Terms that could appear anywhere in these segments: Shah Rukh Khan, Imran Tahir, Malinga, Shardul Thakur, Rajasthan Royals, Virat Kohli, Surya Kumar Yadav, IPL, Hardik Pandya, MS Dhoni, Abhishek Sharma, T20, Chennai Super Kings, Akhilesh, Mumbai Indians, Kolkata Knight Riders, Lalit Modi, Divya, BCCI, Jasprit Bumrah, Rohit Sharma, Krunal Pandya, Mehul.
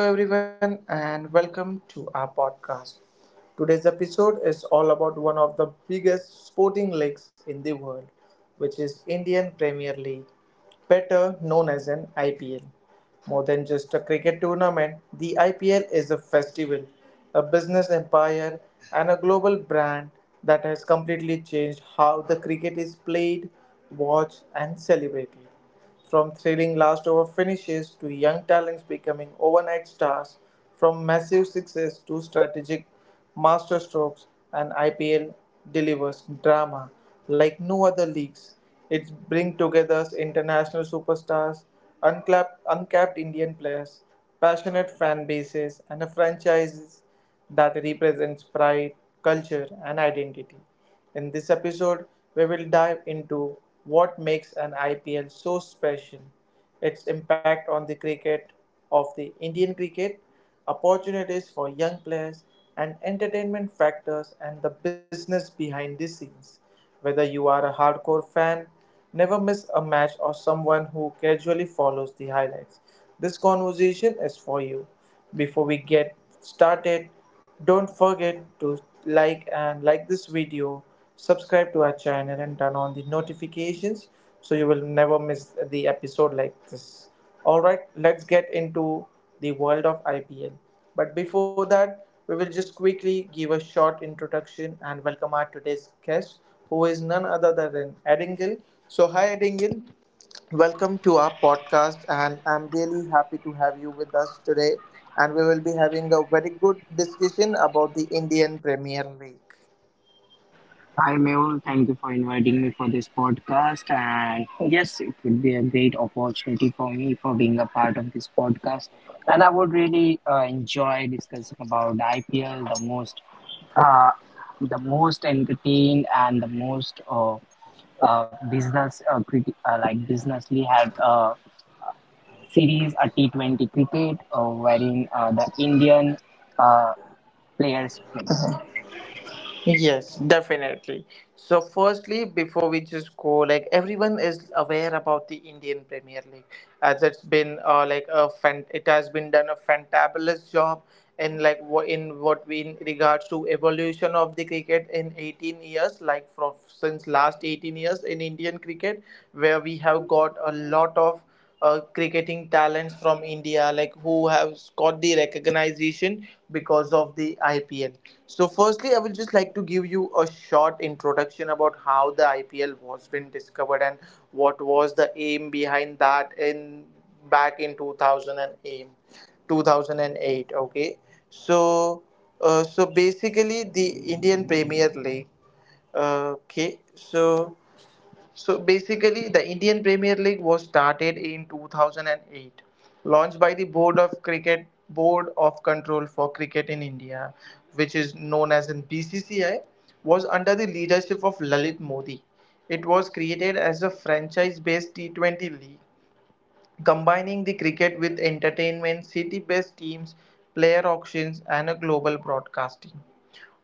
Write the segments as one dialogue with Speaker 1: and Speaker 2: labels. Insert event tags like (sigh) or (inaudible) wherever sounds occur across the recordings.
Speaker 1: Hello, everyone, and welcome to our podcast. Today's episode is all about one of the biggest sporting leagues in the world, which is Indian Premier League, better known as an IPL. More than just a cricket tournament, the IPL is a festival, a business empire, and a global brand that has completely changed how the cricket is played, watched, and celebrated. From thrilling last over finishes to young talents becoming overnight stars, from massive success to strategic masterstrokes, and IPL delivers drama like no other leagues. It brings together international superstars, uncapped Indian players, passionate fan bases, and a franchise that represents pride, culture, and identity. In this episode, we will dive into what makes an IPL so special, its impact on the cricket of the Indian cricket, opportunities for young players, and entertainment factors and the business behind the scenes. Whether you are a hardcore fan, never miss a match, or someone who casually follows the highlights, this conversation is for you. Before we get started, don't forget to like this video, subscribe to our channel and turn on the notifications so you will never miss the episode like this. All right, let's get into the world of IPL. But before that, we will just quickly give a short introduction and welcome our today's guest who is none other than Edingle. So hi Edingle. Welcome to our podcast, and I'm really happy to have you with us today. And we will be having a very good discussion about the Indian Premier League.
Speaker 2: Hi Mehul, thank you for inviting me for this podcast. And yes, it would be a great opportunity for me for being a part of this podcast. And I would really enjoy discussing about IPL, uh, the most entertained and the most business criti- like businessly had a series, a T20 cricket, wherein the Indian uh, players play.
Speaker 1: Yes, definitely. So, firstly, before we just go, like everyone is aware about the Indian Premier League, as it's been like a it has been done a fantabulous job in like what in what we in regards to evolution of the cricket in 18 years, like from since last 18 years in Indian cricket, where we have got a lot of cricketing talents from India, like who have got the recognition because of the IPL. So, firstly, I will just like to give you a short introduction about how the IPL was been discovered and what was the aim behind that in back in 2008. 2008, okay. So so basically the indian premier league okay so so basically, the Indian Premier League was started in 2008, launched by the Board of Control for Cricket in India, which is known as in BCCI, was under the leadership of Lalit Modi. It was created as a franchise-based T20 league, combining the cricket with entertainment, city-based teams, player auctions, and a global broadcasting.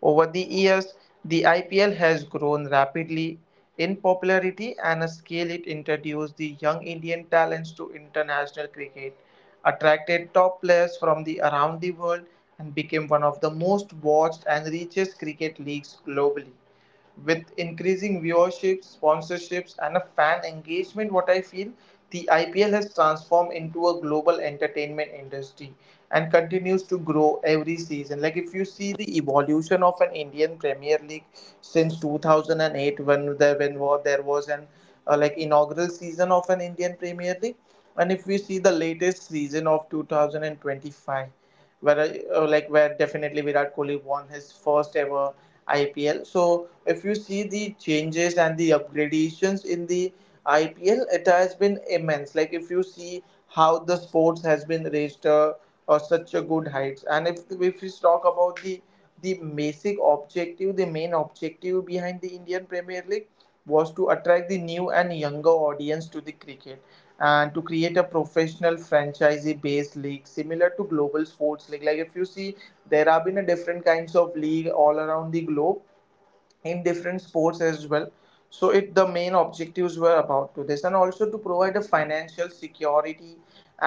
Speaker 1: Over the years, the IPL has grown rapidly in popularity and a scale. It introduced the young Indian talents to international cricket, attracted top players from the around the world and became one of the most watched and richest cricket leagues globally with increasing viewership, sponsorships, and a fan engagement. What I feel, the IPL has transformed into a global entertainment industry and continues to grow every season. Like if you see the evolution of an Indian Premier League since 2008, when there was an like inaugural season of an Indian Premier League, and if we see the latest season of 2025, where like where definitely Virat Kohli won his first ever IPL. So if you see the changes and the upgradations in the IPL, it has been immense. Like if you see how the sports has been raised such a good heights, and if we talk about the basic objective, the main objective behind the Indian Premier League was to attract the new and younger audience to the cricket and to create a professional franchisee based league similar to global sports league. Like if you see, there have been a different kinds of league all around the globe in different sports as well, so it the main objectives were about to this, and also to provide a financial security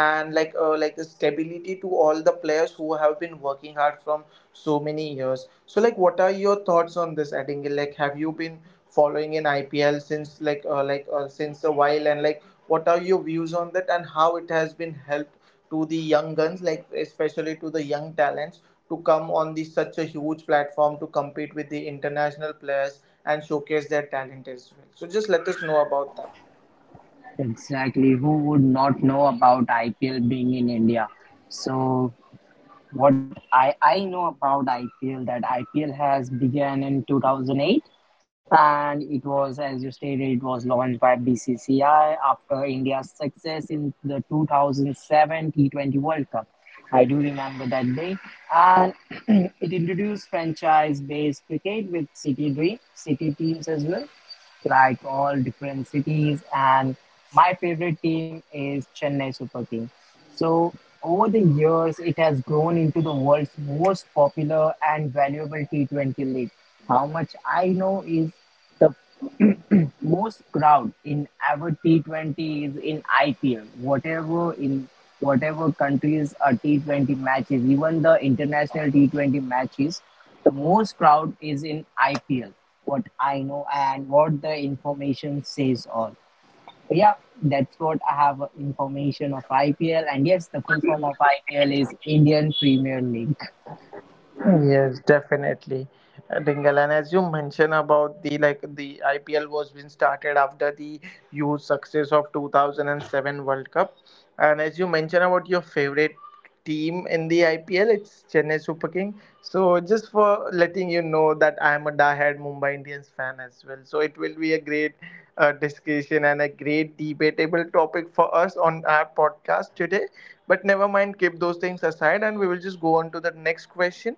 Speaker 1: and like a stability to all the players who have been working hard from so many years. So like what are your thoughts on this, Adingle? Like have you been following in IPL since like since a while, and like what are your views on that and how it has been helped to the young guns, like especially to the young talents, to come on the such a huge platform to compete with the international players and showcase their talent as well. So just let us know about that.
Speaker 2: Exactly. Who would not know about IPL being in India? So what I know about IPL that IPL has began in 2008, and it was, as you stated, it was launched by BCCI after India's success in the 2007 T20 World Cup. I do remember that day. And (clears throat) it introduced franchise based cricket with city teams as well, like all different cities. And my favorite team is Chennai Super King. So over the years, it has grown into the world's most popular and valuable T20 league. How much I know is the (clears throat) most crowd in our T20 is in IPL. Whatever countries are T20 matches, even the international T20 matches, the most crowd is in IPL. What I know and what the information says all. So yeah, that's what I have information of IPL. And yes, the full form of IPL is Indian Premier League.
Speaker 1: Yes, definitely, Dingle. And as you mentioned about the like the IPL was being started after the huge success of 2007 World Cup, and as you mentioned about your favorite team in the IPL, it's Chennai Super King. So just for letting you know that I am a diehard Mumbai Indians fan as well. So it will be a great discussion and a great debatable topic for us on our podcast today. But never mind, keep those things aside, and we will just go on to the next question.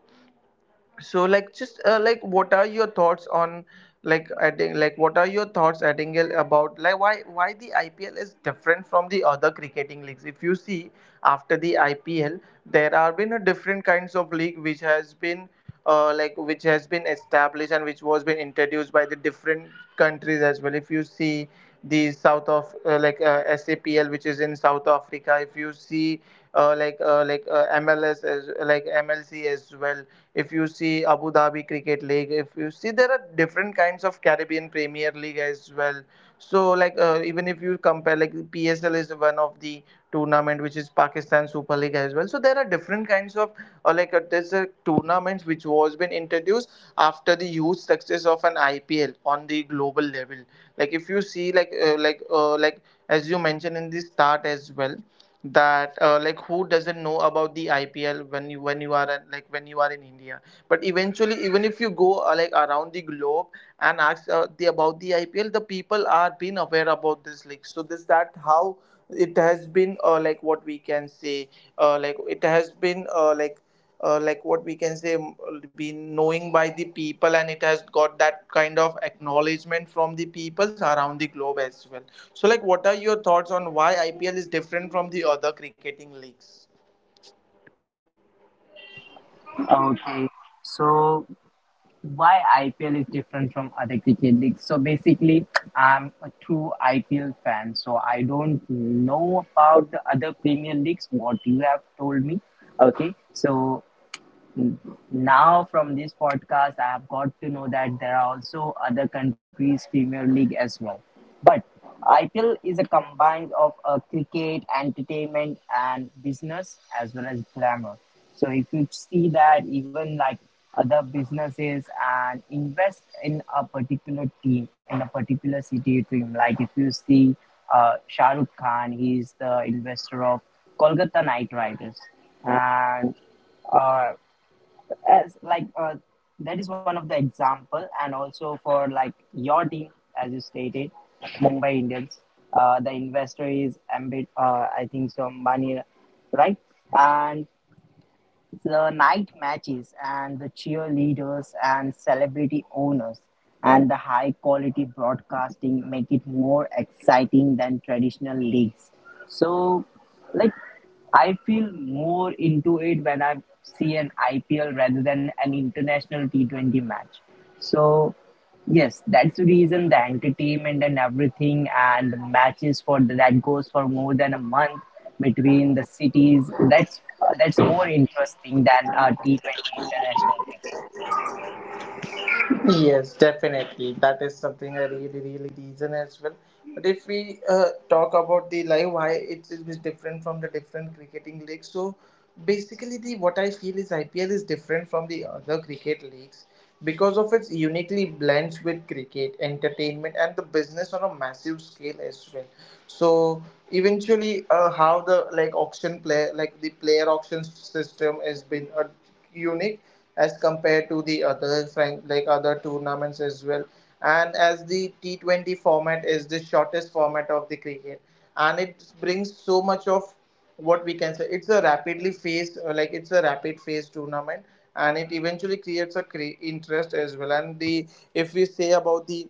Speaker 1: So like just what are your thoughts on like adding like what are your thoughts, Addingale, about like why the IPL is different from the other cricketing leagues. If you see, after the IPL there are been a different kinds of league which has been which has been established and which was been introduced by the different countries as well. If you see the south of SAPL, which is in South Africa, if you see MLS as like MLC as well, if you see Abu Dhabi Cricket League, if you see there are different kinds of Caribbean Premier League as well. So like even if you compare, like PSL is one of the tournament which is Pakistan Super League as well. So there are different kinds of or like there's a tournaments which was been introduced after the huge success of an IPL on the global level. Like if you see, like as you mentioned in the start as well, that like who doesn't know about the IPL when you are at, like when you are in India, but eventually even if you go like around the globe and asked about the IPL, the people are been aware about this league. So this that how it has been like what we can say like it has been like what we can say been knowing by the people, and it has got that kind of acknowledgement from the peoples around the globe as well. So like what are your thoughts on why IPL is different from the other cricketing leagues?
Speaker 2: Okay. So why IPL is different from other cricket leagues? So basically, I'm a true IPL fan. So I don't know about the other Premier Leagues, what you have told me. Okay. So now, from this podcast, I have got to know that there are also other countries' Premier League as well. But IPL is a combine of cricket, entertainment, and business as well as glamour. So if you see that even like other businesses and invest in a particular team in a particular city team, like if you see, Shah Rukh Khan, he is the investor of Kolkata Knight Riders. And uh, as like that is one of the example. And also for like your team, as you stated, Mumbai Indians, the investor is Ambit, I think so, money, right? And the night matches and the cheerleaders and celebrity owners and the high quality broadcasting make it more exciting than traditional leagues. So like I feel more into it when I see an IPL rather than an international T20 match. So yes, that's the reason, the entertainment and everything, and the matches for the, that goes for more than a month between the cities. That's that's more interesting than T20 international cricket.
Speaker 1: Yes, definitely. That is something a really, really reason as well. But if we talk about the live, why it is different from the different cricketing leagues. So basically, the what I feel is IPL is different from the other cricket leagues because of its uniquely blends with cricket, entertainment, and the business on a massive scale as well. So eventually, how the like auction play like the player auction system has been unique as compared to the other like other tournaments as well, and as the T20 format is the shortest format of the cricket, and it brings so much of what we can say it's a rapidly phase like it's a rapid phase tournament, and it eventually creates a interest as well. And the if we say about the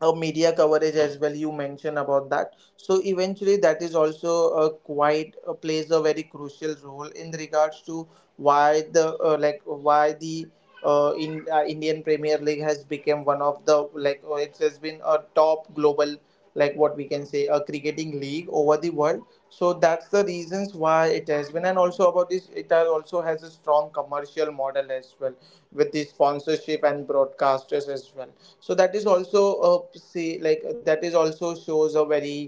Speaker 1: a media coverage as well, you mentioned about that, so eventually that is also a quite plays a very crucial role in regards to why the like why the in Indian Premier League has become one of the it has been a top global like what we can say a cricketing league over the world. So that's the reasons why it has been, and also about this, also has a strong commercial model as well with the sponsorship and broadcasters as well. So that is also say like that is also shows a very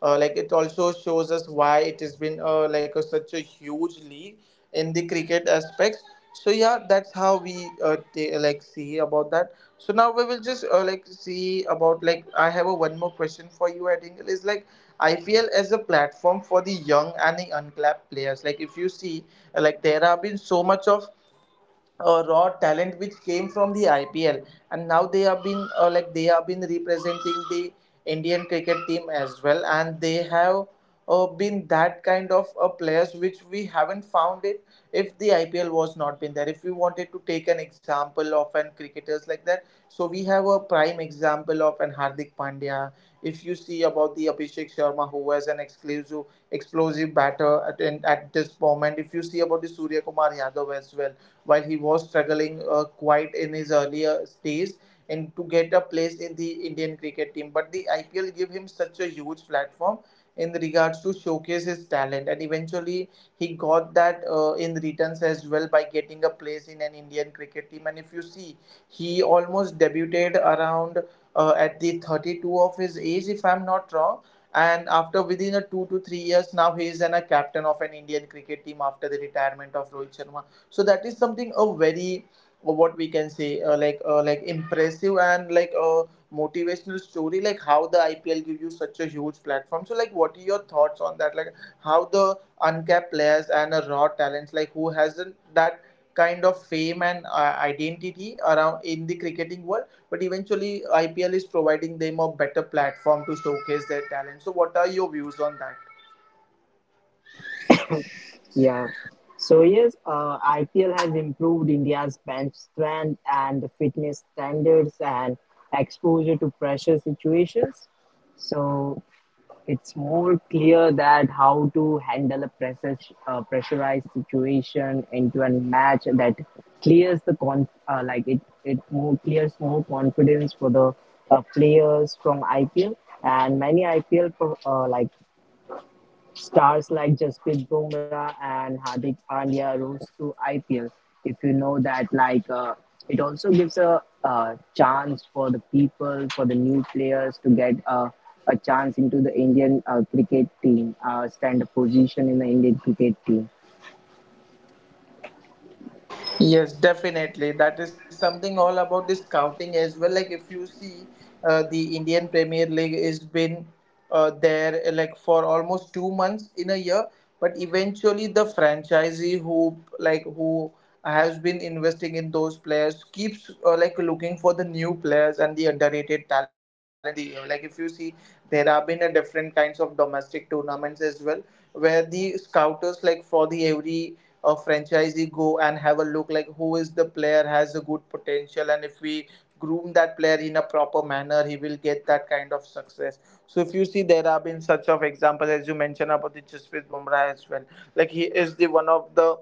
Speaker 1: it also shows us why it has been like a, such a huge league in the cricket aspects. So yeah, that's how we see about that. So now we will just see about, like I have a one more question for you, I think, is like IPL as a platform for the young and the unclapped players. Like if you see, like there have been so much of raw talent which came from the IPL, and now they have been they have been representing the Indian cricket team as well, and they have been that kind of players which we haven't found it if the IPL was not been there. If we wanted to take an example of an cricketers like that, so we have a prime example of an Hardik Pandya. If you see about the Abhishek Sharma, who was an exclusive explosive batter at, in, at this moment, if you see about the Surya Kumar Yadav as well while he was struggling quite in his earlier days and to get a place in the Indian cricket team. But the IPL gave him such a huge platform in regards to showcase his talent, and eventually he got that in returns as well by getting a place in an Indian cricket team. And if you see, he almost debuted around at the 32 of his age, if I'm not wrong. And after within a 2 to 3 years, now he is an, a captain of an Indian cricket team after the retirement of Rohit Sharma. So that is something a very what we can say, impressive and like a motivational story, like how the IPL give you such a huge platform. So like, what are your thoughts on that? Like, how the uncapped players and raw talents like who hasn't that kind of fame and identity around in the cricketing world, but eventually IPL is providing them a better platform to showcase their talent. So what are your views on that?
Speaker 2: Yeah. So yes, IPL has improved India's bench strength and the fitness standards and exposure to pressure situations. So it's more clear that how to handle a pressurized situation into a match. That clears the con like it more clears more confidence for the players from IPL. And many IPL stars like Jasprit Bumrah and Hardik Pandya rose to IPL. If you know that, it also gives a, chance for the people, for the new players to get a chance into the Indian cricket team, stand a position in the Indian cricket team.
Speaker 1: Yes, definitely. That is something all about the scouting as well. Like if you see, the Indian Premier League is been there like for almost 2 months in a year, but eventually the franchisee who like who has been investing in those players keeps like looking for the new players and the underrated talents over the year. Like if you see, there have been a different kinds of domestic tournaments as well, where the scouters like for the every a franchisee go and have a look like who is the player has a good potential, and if we groom that player in a proper manner, he will get that kind of success. So if you see, there have been such of examples, as you mentioned about the Jasprit Bumrah as well. Like he is the one of the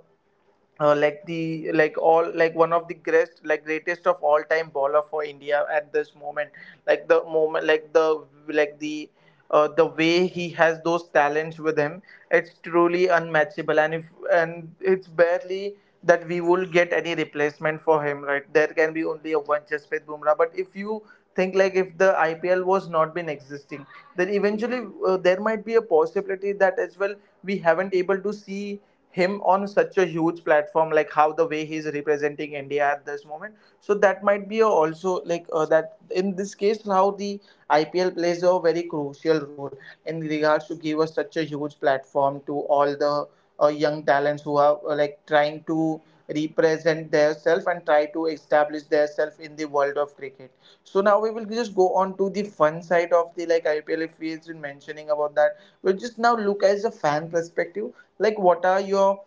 Speaker 1: like the like all like one of the greatest, like greatest of all time bowler for India at this moment. Like the moment like the way he has those talents with him, it's truly unmatchable. And if and it's barely that we will get any replacement for him, right? There can be only a one Jasprit Bumrah. But if you think, like if the IPL was not been existing, then eventually there might be a possibility that as well, we haven't able to see him on such a huge platform like how the way he's representing India at this moment. So that might be a also like that in this case, how the IPL plays a very crucial role in regards to give us such a huge platform to all the young talents who are like trying to represent themselves and try to establish themselves in the world of cricket. So now we will just go on to the fun side of the like IPL. If we've been mentioning about that, we'll just now look as a fan perspective. Like, what are your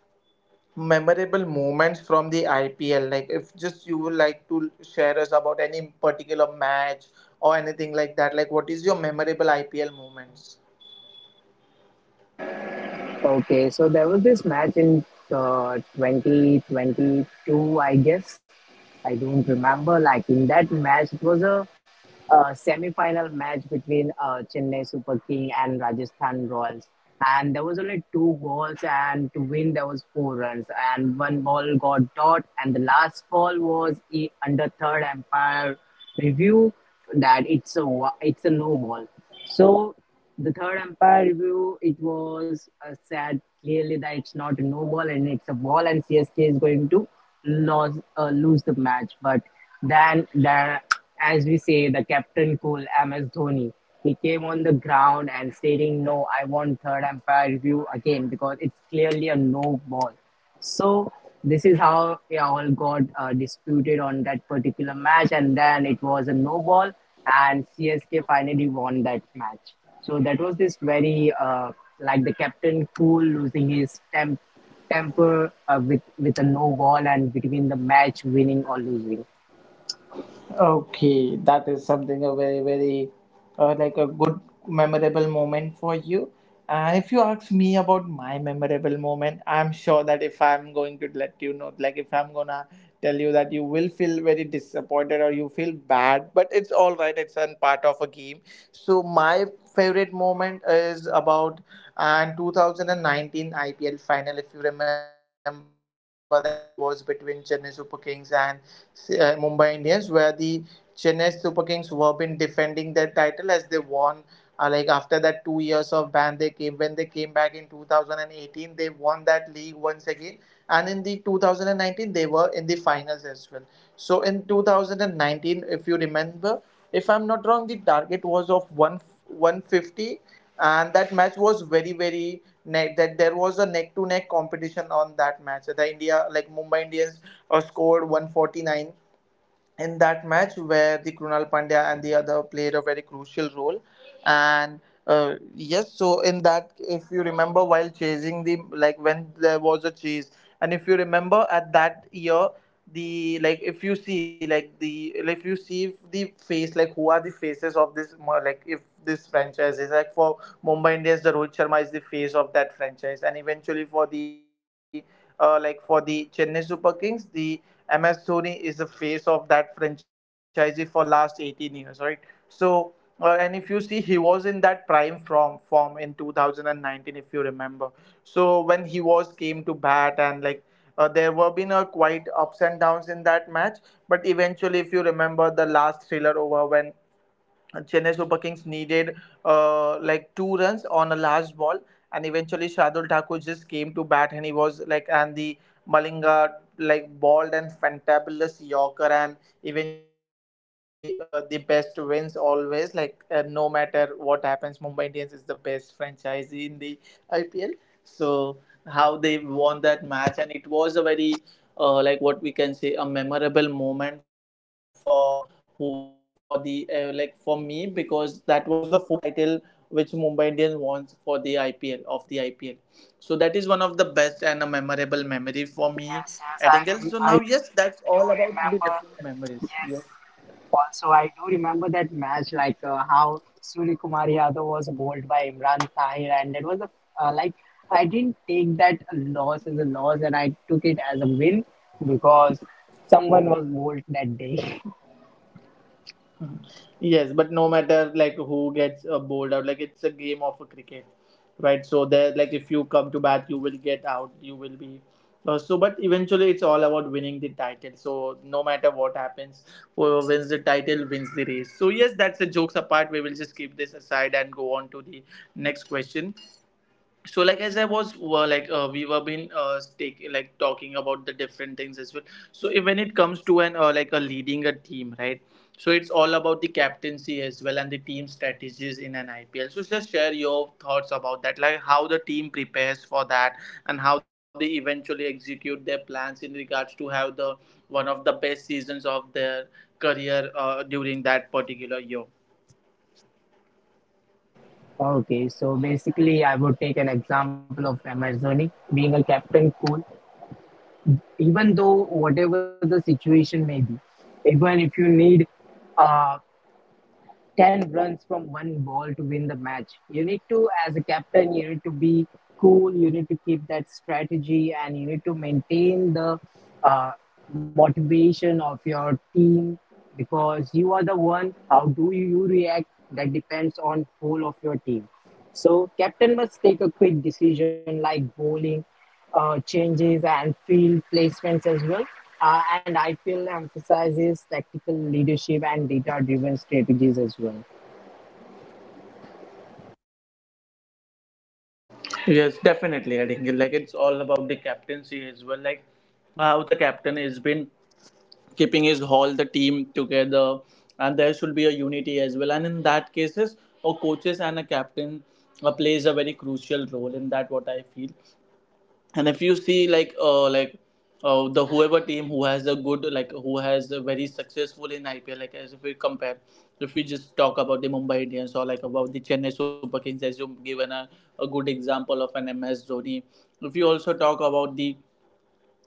Speaker 1: memorable moments from the IPL? Like, if just you would like to share us about any particular match or anything like that, like, what is your memorable IPL moments?
Speaker 2: Okay, so there was this match in 2022, I guess. I don't remember. Like in that match, it was a, semi-final match between Chennai Super King and Rajasthan Royals, and there was only two goals, and to win there was four runs, and one ball got dot, and the last ball was under third umpire review that it's a no ball. So the third umpire review, it was said clearly that it's not a no ball and it's a ball and CSK is going to lose the match. But then the, as we say, the captain cool MS Dhoni. He came on the ground and stating, "No, I want third umpire review again because it's clearly a no ball." So this is how they all got disputed on that particular match, and then it was a no ball, and CSK finally won that match. So that was this very like the captain cool losing his temper with a no ball and between the match winning or losing.
Speaker 1: Okay, that is something a very, very like a good memorable moment for you. And if you ask me about my memorable moment, I'm sure that if I'm going to let you know, like if I'm gonna tell you that you will feel very disappointed or you feel bad, but it's all right, it's a part of a game. So, my favorite moment is about and 2019 IPL final. If you remember, that it was between Chennai Super Kings and Mumbai Indians, where the Chennai Super Kings were been defending their title as they won. Like after that 2 years of ban, they came when they came back in 2018, they won that league once again. And in the 2019, they were in the finals as well. So in 2019, if you remember, if I'm not wrong, the target was of one 150, and that match was very very neck, that there was a neck to neck competition on that match. The India like Mumbai Indians scored 149 in that match, where the Krunal Pandya and the other played a very crucial role. And yes, so in that, if you remember, while chasing the like when there was a chase, and if you remember at that year, the like if you see like the like, if you see the face like who are the faces of this mo- like if this franchise is like for Mumbai Indians, the Rohit Sharma is the face of that franchise, and eventually for the for the Chennai Super Kings, the MS Dhoni is the face of that franchise for last 18 years, right? So, and if you see, he was in that prime form in 2019, if you remember. So when he was came to bat and like there were been a quite ups and downs in that match, but eventually, if you remember the last thriller over when Chennai Super Kings needed like two runs on a last ball, and eventually Shardul Thakur just came to bat, and he was like, and the Malinga like balled and fantabulous Yorker, and eventually the best wins always. Like no matter what happens, Mumbai Indians is the best franchise in the IPL. So how they won that match, and it was a very like what we can say a memorable moment for who were like for the like for me, because that was the fourth title which Mumbai Indians won for the IPL. So that is one of the best and a memorable memory for me
Speaker 2: Yes,
Speaker 1: at
Speaker 2: yes,
Speaker 1: Engel. So now
Speaker 2: I
Speaker 1: yes,
Speaker 2: do
Speaker 1: that's all
Speaker 2: remember.
Speaker 1: about the different
Speaker 2: Yes,
Speaker 1: memories. Yes.
Speaker 2: also I do remember that match, like how Surya Kumar Yadav was bowled by Imran Tahir, and it was a uh, like I didn't take that loss as a loss, and I took it as a win because someone was bowled that day. (laughs)
Speaker 1: Mhm. Yes, but no matter like who gets bowled out, like it's a game of a cricket, right? So there, like if you come to bat, you will get out. You will be so. But eventually, it's all about winning the title. So no matter what happens, whoever wins the title wins the race. So yes, that's the jokes apart. We will just keep this aside and go on to the next question. So like, as I was were like we were been take, like talking about the different things as well. So when it comes to an like a leading a team, right? So it's all about the captaincy as well and the team strategies in an IPL. So just share your thoughts about that, like how the team prepares for that and how they eventually execute their plans in regards to have the one of the best seasons of their career during that particular year.
Speaker 2: Okay, so basically, I would take an example of MS Dhoni being a captain cool, even though whatever the situation may be, even if you need Uh, 10 runs from one ball to win the match. You need to, as a captain, you need to be cool, you need to keep that strategy, and you need to maintain the uh, motivation of your team because you are the one. How do you react? That depends on whole of your team. So captain must take a quick decision like bowling changes and field placements as well. And IPL emphasizes tactical leadership and data driven strategies as well.
Speaker 1: Yes, definitely. I think like it's all about the captaincy as well. Like how the captain has been keeping his whole the team together, and there should be a unity as well. And in that cases, a coaches and a captain plays a very crucial role in that, what I feel. And if you see like the whoever team who has a good like who has a very successful in IPL, like as if we compare, if we just talk about the Mumbai Indians or like about the Chennai Super Kings, as you given a good example of an MS Dhoni, if you also talk about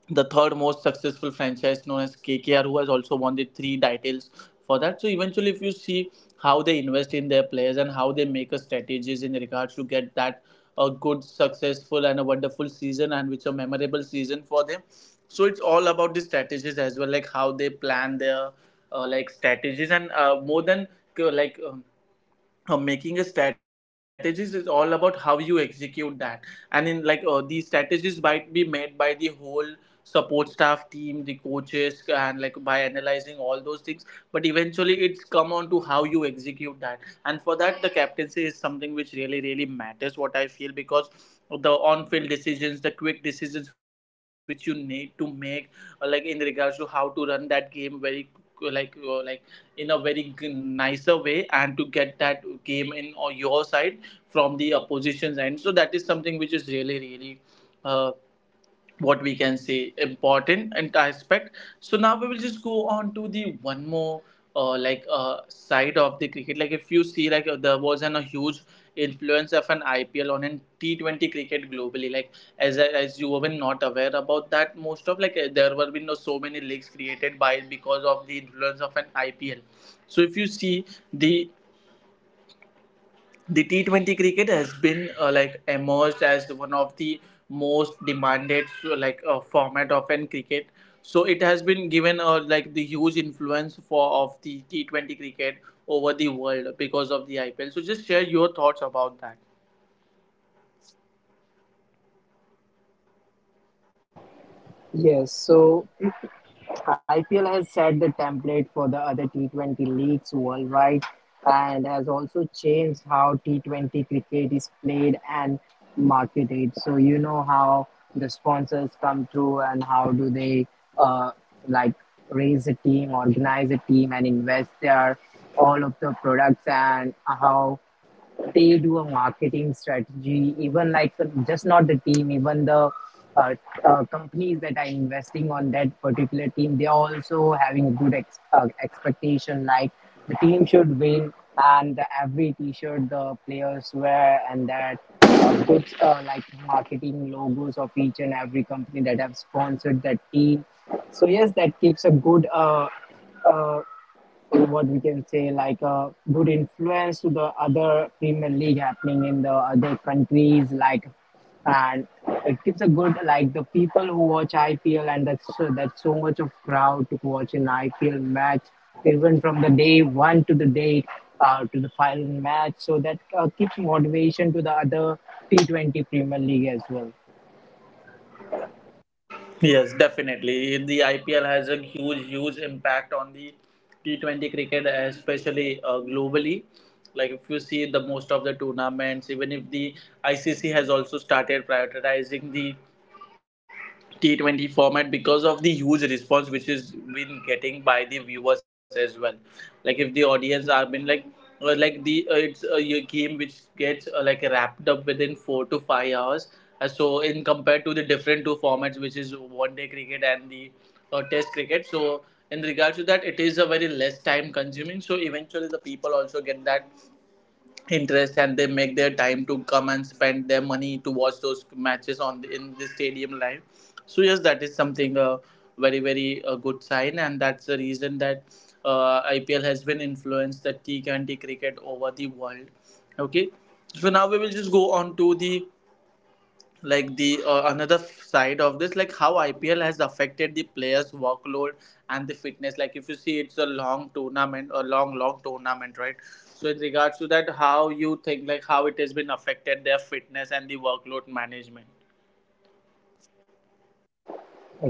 Speaker 1: the third most successful franchise known as KKR, who has also won the three titles for that. So eventually, if you see how they invest in their players and how they make a strategies in regards to get that a good, successful, and a wonderful season, and which a memorable season for them. So it's all about the strategies as well, like how they plan their like strategies and more than uh, like. um Making a strategies is all about how you execute that. And in like these strategies might be made by the whole support staff team, the coaches, and like by analyzing all those things, but eventually it's come on to how you execute that. And for that, the captaincy is something which really really matters, what I feel, because the on-field decisions, the quick decisions which you need to make, like in regards to how to run that game very like in a nicer way and to get that game in on your side from the opposition's end. So that is something which is really really. Uh, what we can say, important and aspect. So now we will just go on to the one more side of the cricket. Like if you see, there was a huge influence of an ipl on an T20 cricket globally. Like as you were not aware about that, most of, there were been so many leagues created by because of the influence of an ipl. So if you see, the the T20 cricket has been like emerged as one of the most demanded, format of an cricket. So it has been given like the huge influence for of the T20 cricket over the world because of the IPL. So just share your thoughts about that.
Speaker 2: Yes, so IPL has set the template for the other T20 leagues worldwide and has also changed how T20 cricket is played and marketed. So you know how the sponsors come through and how do they uh, like raise a team, organize a team and invest their all of the products, and how they do a marketing strategy, even like the, just not the team, even the uh, companies that are investing on that particular team, they are also having good expectation. Like the team should win, and the, every T-shirt the players wear, and that puts marketing logos of each and every company that have sponsored that team. So yes, that gives a good. Uh, or what we can say, like a good influence to the other Premier League happening in the other countries. Like, and it gives a good, like the people who watch IPL, and that's so much of crowd to watch an IPL match, even from the day one to the day, to the final match. So that keeps motivation to the other T20 Premier League as well.
Speaker 1: Yes, definitely. The IPL has a huge, huge impact on the T20 cricket, especially globally. Like if you see, the most of the tournaments, even if the ICC has also started prioritizing the T20 format because of the huge response which is been getting by the viewers as well. Like if the audience are been like the it's a game which gets like wrapped up within four to five hours. So in compared to the different two formats, which is one day cricket and the test cricket. So in regards to that, it is a very less time consuming. So eventually the people also get that interest and they make their time to come and spend their money to watch those matches on in the stadium live. So yes, that is something very very good sign, and that's the reason that ipl has been influenced the T20 cricket over the world. Okay, so now we will just go on to the, like the another side of this, like how ipl has affected the players workload and the fitness. Like if you see, it's a long tournament, a long long tournament, right? So in regards to that, how you think, like how it has been affected their fitness and the workload management?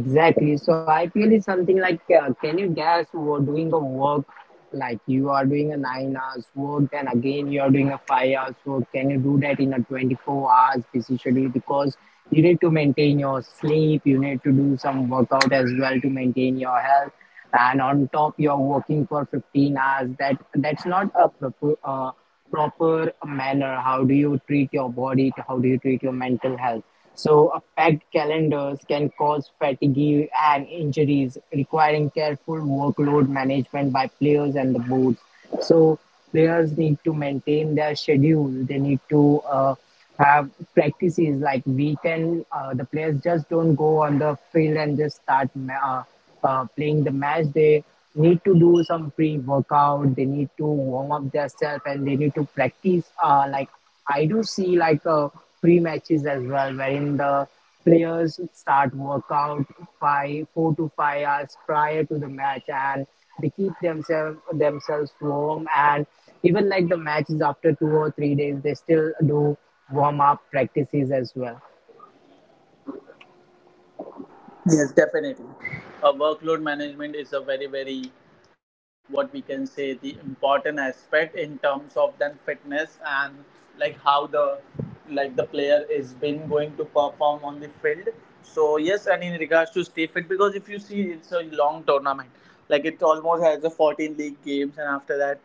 Speaker 2: Exactly. So IPL is something like, can you guess who are doing the work? Like you are doing a 9 hours work, and again you are doing a 5 hours work. Can you do that in a 24 hours busy schedule? Because you need to maintain your sleep, you need to do some workout as well to maintain your health. And on top, you're working for 15 hours. That that's not a proper. Proper manner, how do you treat your body, how do you treat your mental health. So a packed calendars can cause fatigue and injuries requiring careful workload management by players and the boards. So players need to maintain their schedule, they need to have practices. Like we can the players just don't go on the field and just start playing the match, they need to do some pre-workout. They need to warm up themselves and they need to practice. I do see like pre-matches as well, wherein the players start workout five, 4 to 5 hours prior to the match, and they keep themselves warm. And even like the matches after 2 or 3 days, they still do warm up practices as well.
Speaker 1: Yes, definitely. Workload management is a very, very, what we can say, the important aspect in terms of then fitness and like how the player is been going to perform on the field. So yes, and in regards to stay fit, because if you see, it's a long tournament. Like it almost has a 14 league games, and after that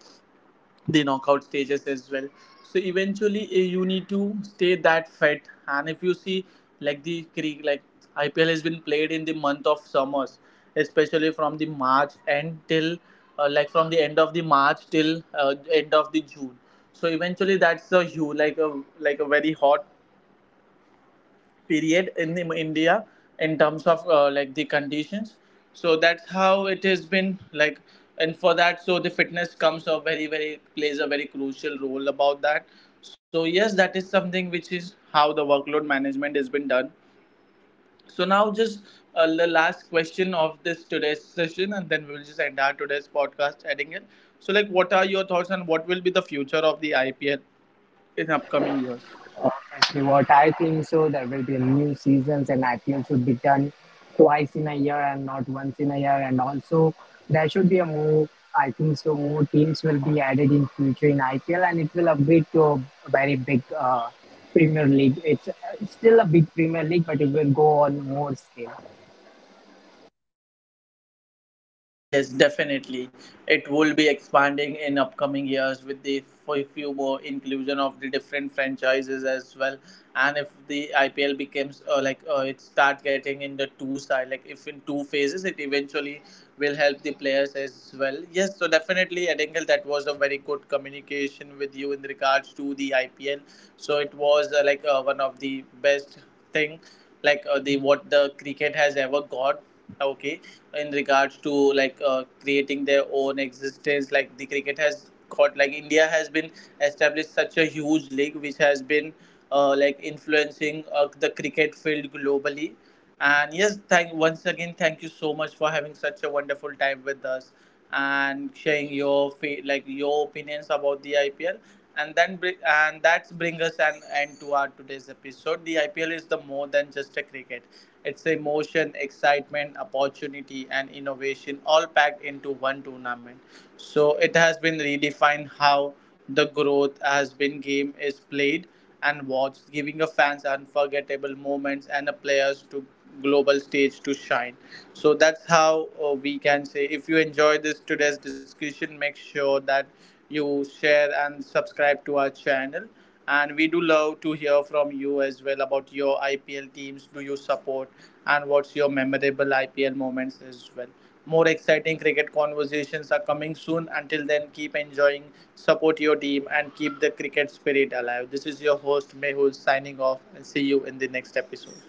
Speaker 1: the knockout stages as well. So eventually eh, you need to stay that fit. And if you see, like, ipl has been played in the month of summers, especially from the end of the march till end of the june. So eventually that's a huge, like a, like a very hot period in India in terms of like the conditions. So that's how it has been like. And for that, so the fitness comes a very very plays a very crucial role about that. So yes, that is something which is how the workload management has been done. So now just the last question of this today's session, and then we will just end our today's podcast adding it. So like, what are your thoughts on what will be the future of the IPL in upcoming years?
Speaker 2: Exactly what I think so. There will be a new seasons, and IPL should be done twice in a year and not once in a year. And also, there should be a more. I think so. More teams will be added in future in IPL, and it will upgrade to a very big Premier League. It's still a big Premier League, but it will go on more scale.
Speaker 1: Yes, definitely. It will be expanding in upcoming years with the few more inclusion of the different franchises as well. And if the IPL becomes it start getting in the two side, like if in two phases, it eventually will help the players as well. Yes, so definitely, Edingle, that was a very good communication with you in regards to the IPL. So it was one of the best thing, the what the cricket has ever got. Okay, in regards to creating their own existence. Like the cricket has got, like india has been established such a huge league which has been like influencing the cricket field globally. And yes, thank once again, thank you so much for having such a wonderful time with us and sharing your your opinions about the IPL. And that's bring us an end to our today's episode. The IPL is the more than just a cricket. It's emotion, excitement, opportunity, and innovation all packed into one tournament. So it has been redefined how the growth has been game is played and watch, giving a fans unforgettable moments and the players to global stage to shine. So that's how we can say. If you enjoy this today's discussion, make sure that you share and subscribe to our channel. And we do love to hear from you as well about your IPL teams. Do you support and what's your memorable IPL moments as well? More exciting cricket conversations are coming soon. Until then, keep enjoying, support your team, and keep the cricket spirit alive. This is your host Mehul signing off, and see you in the next episode.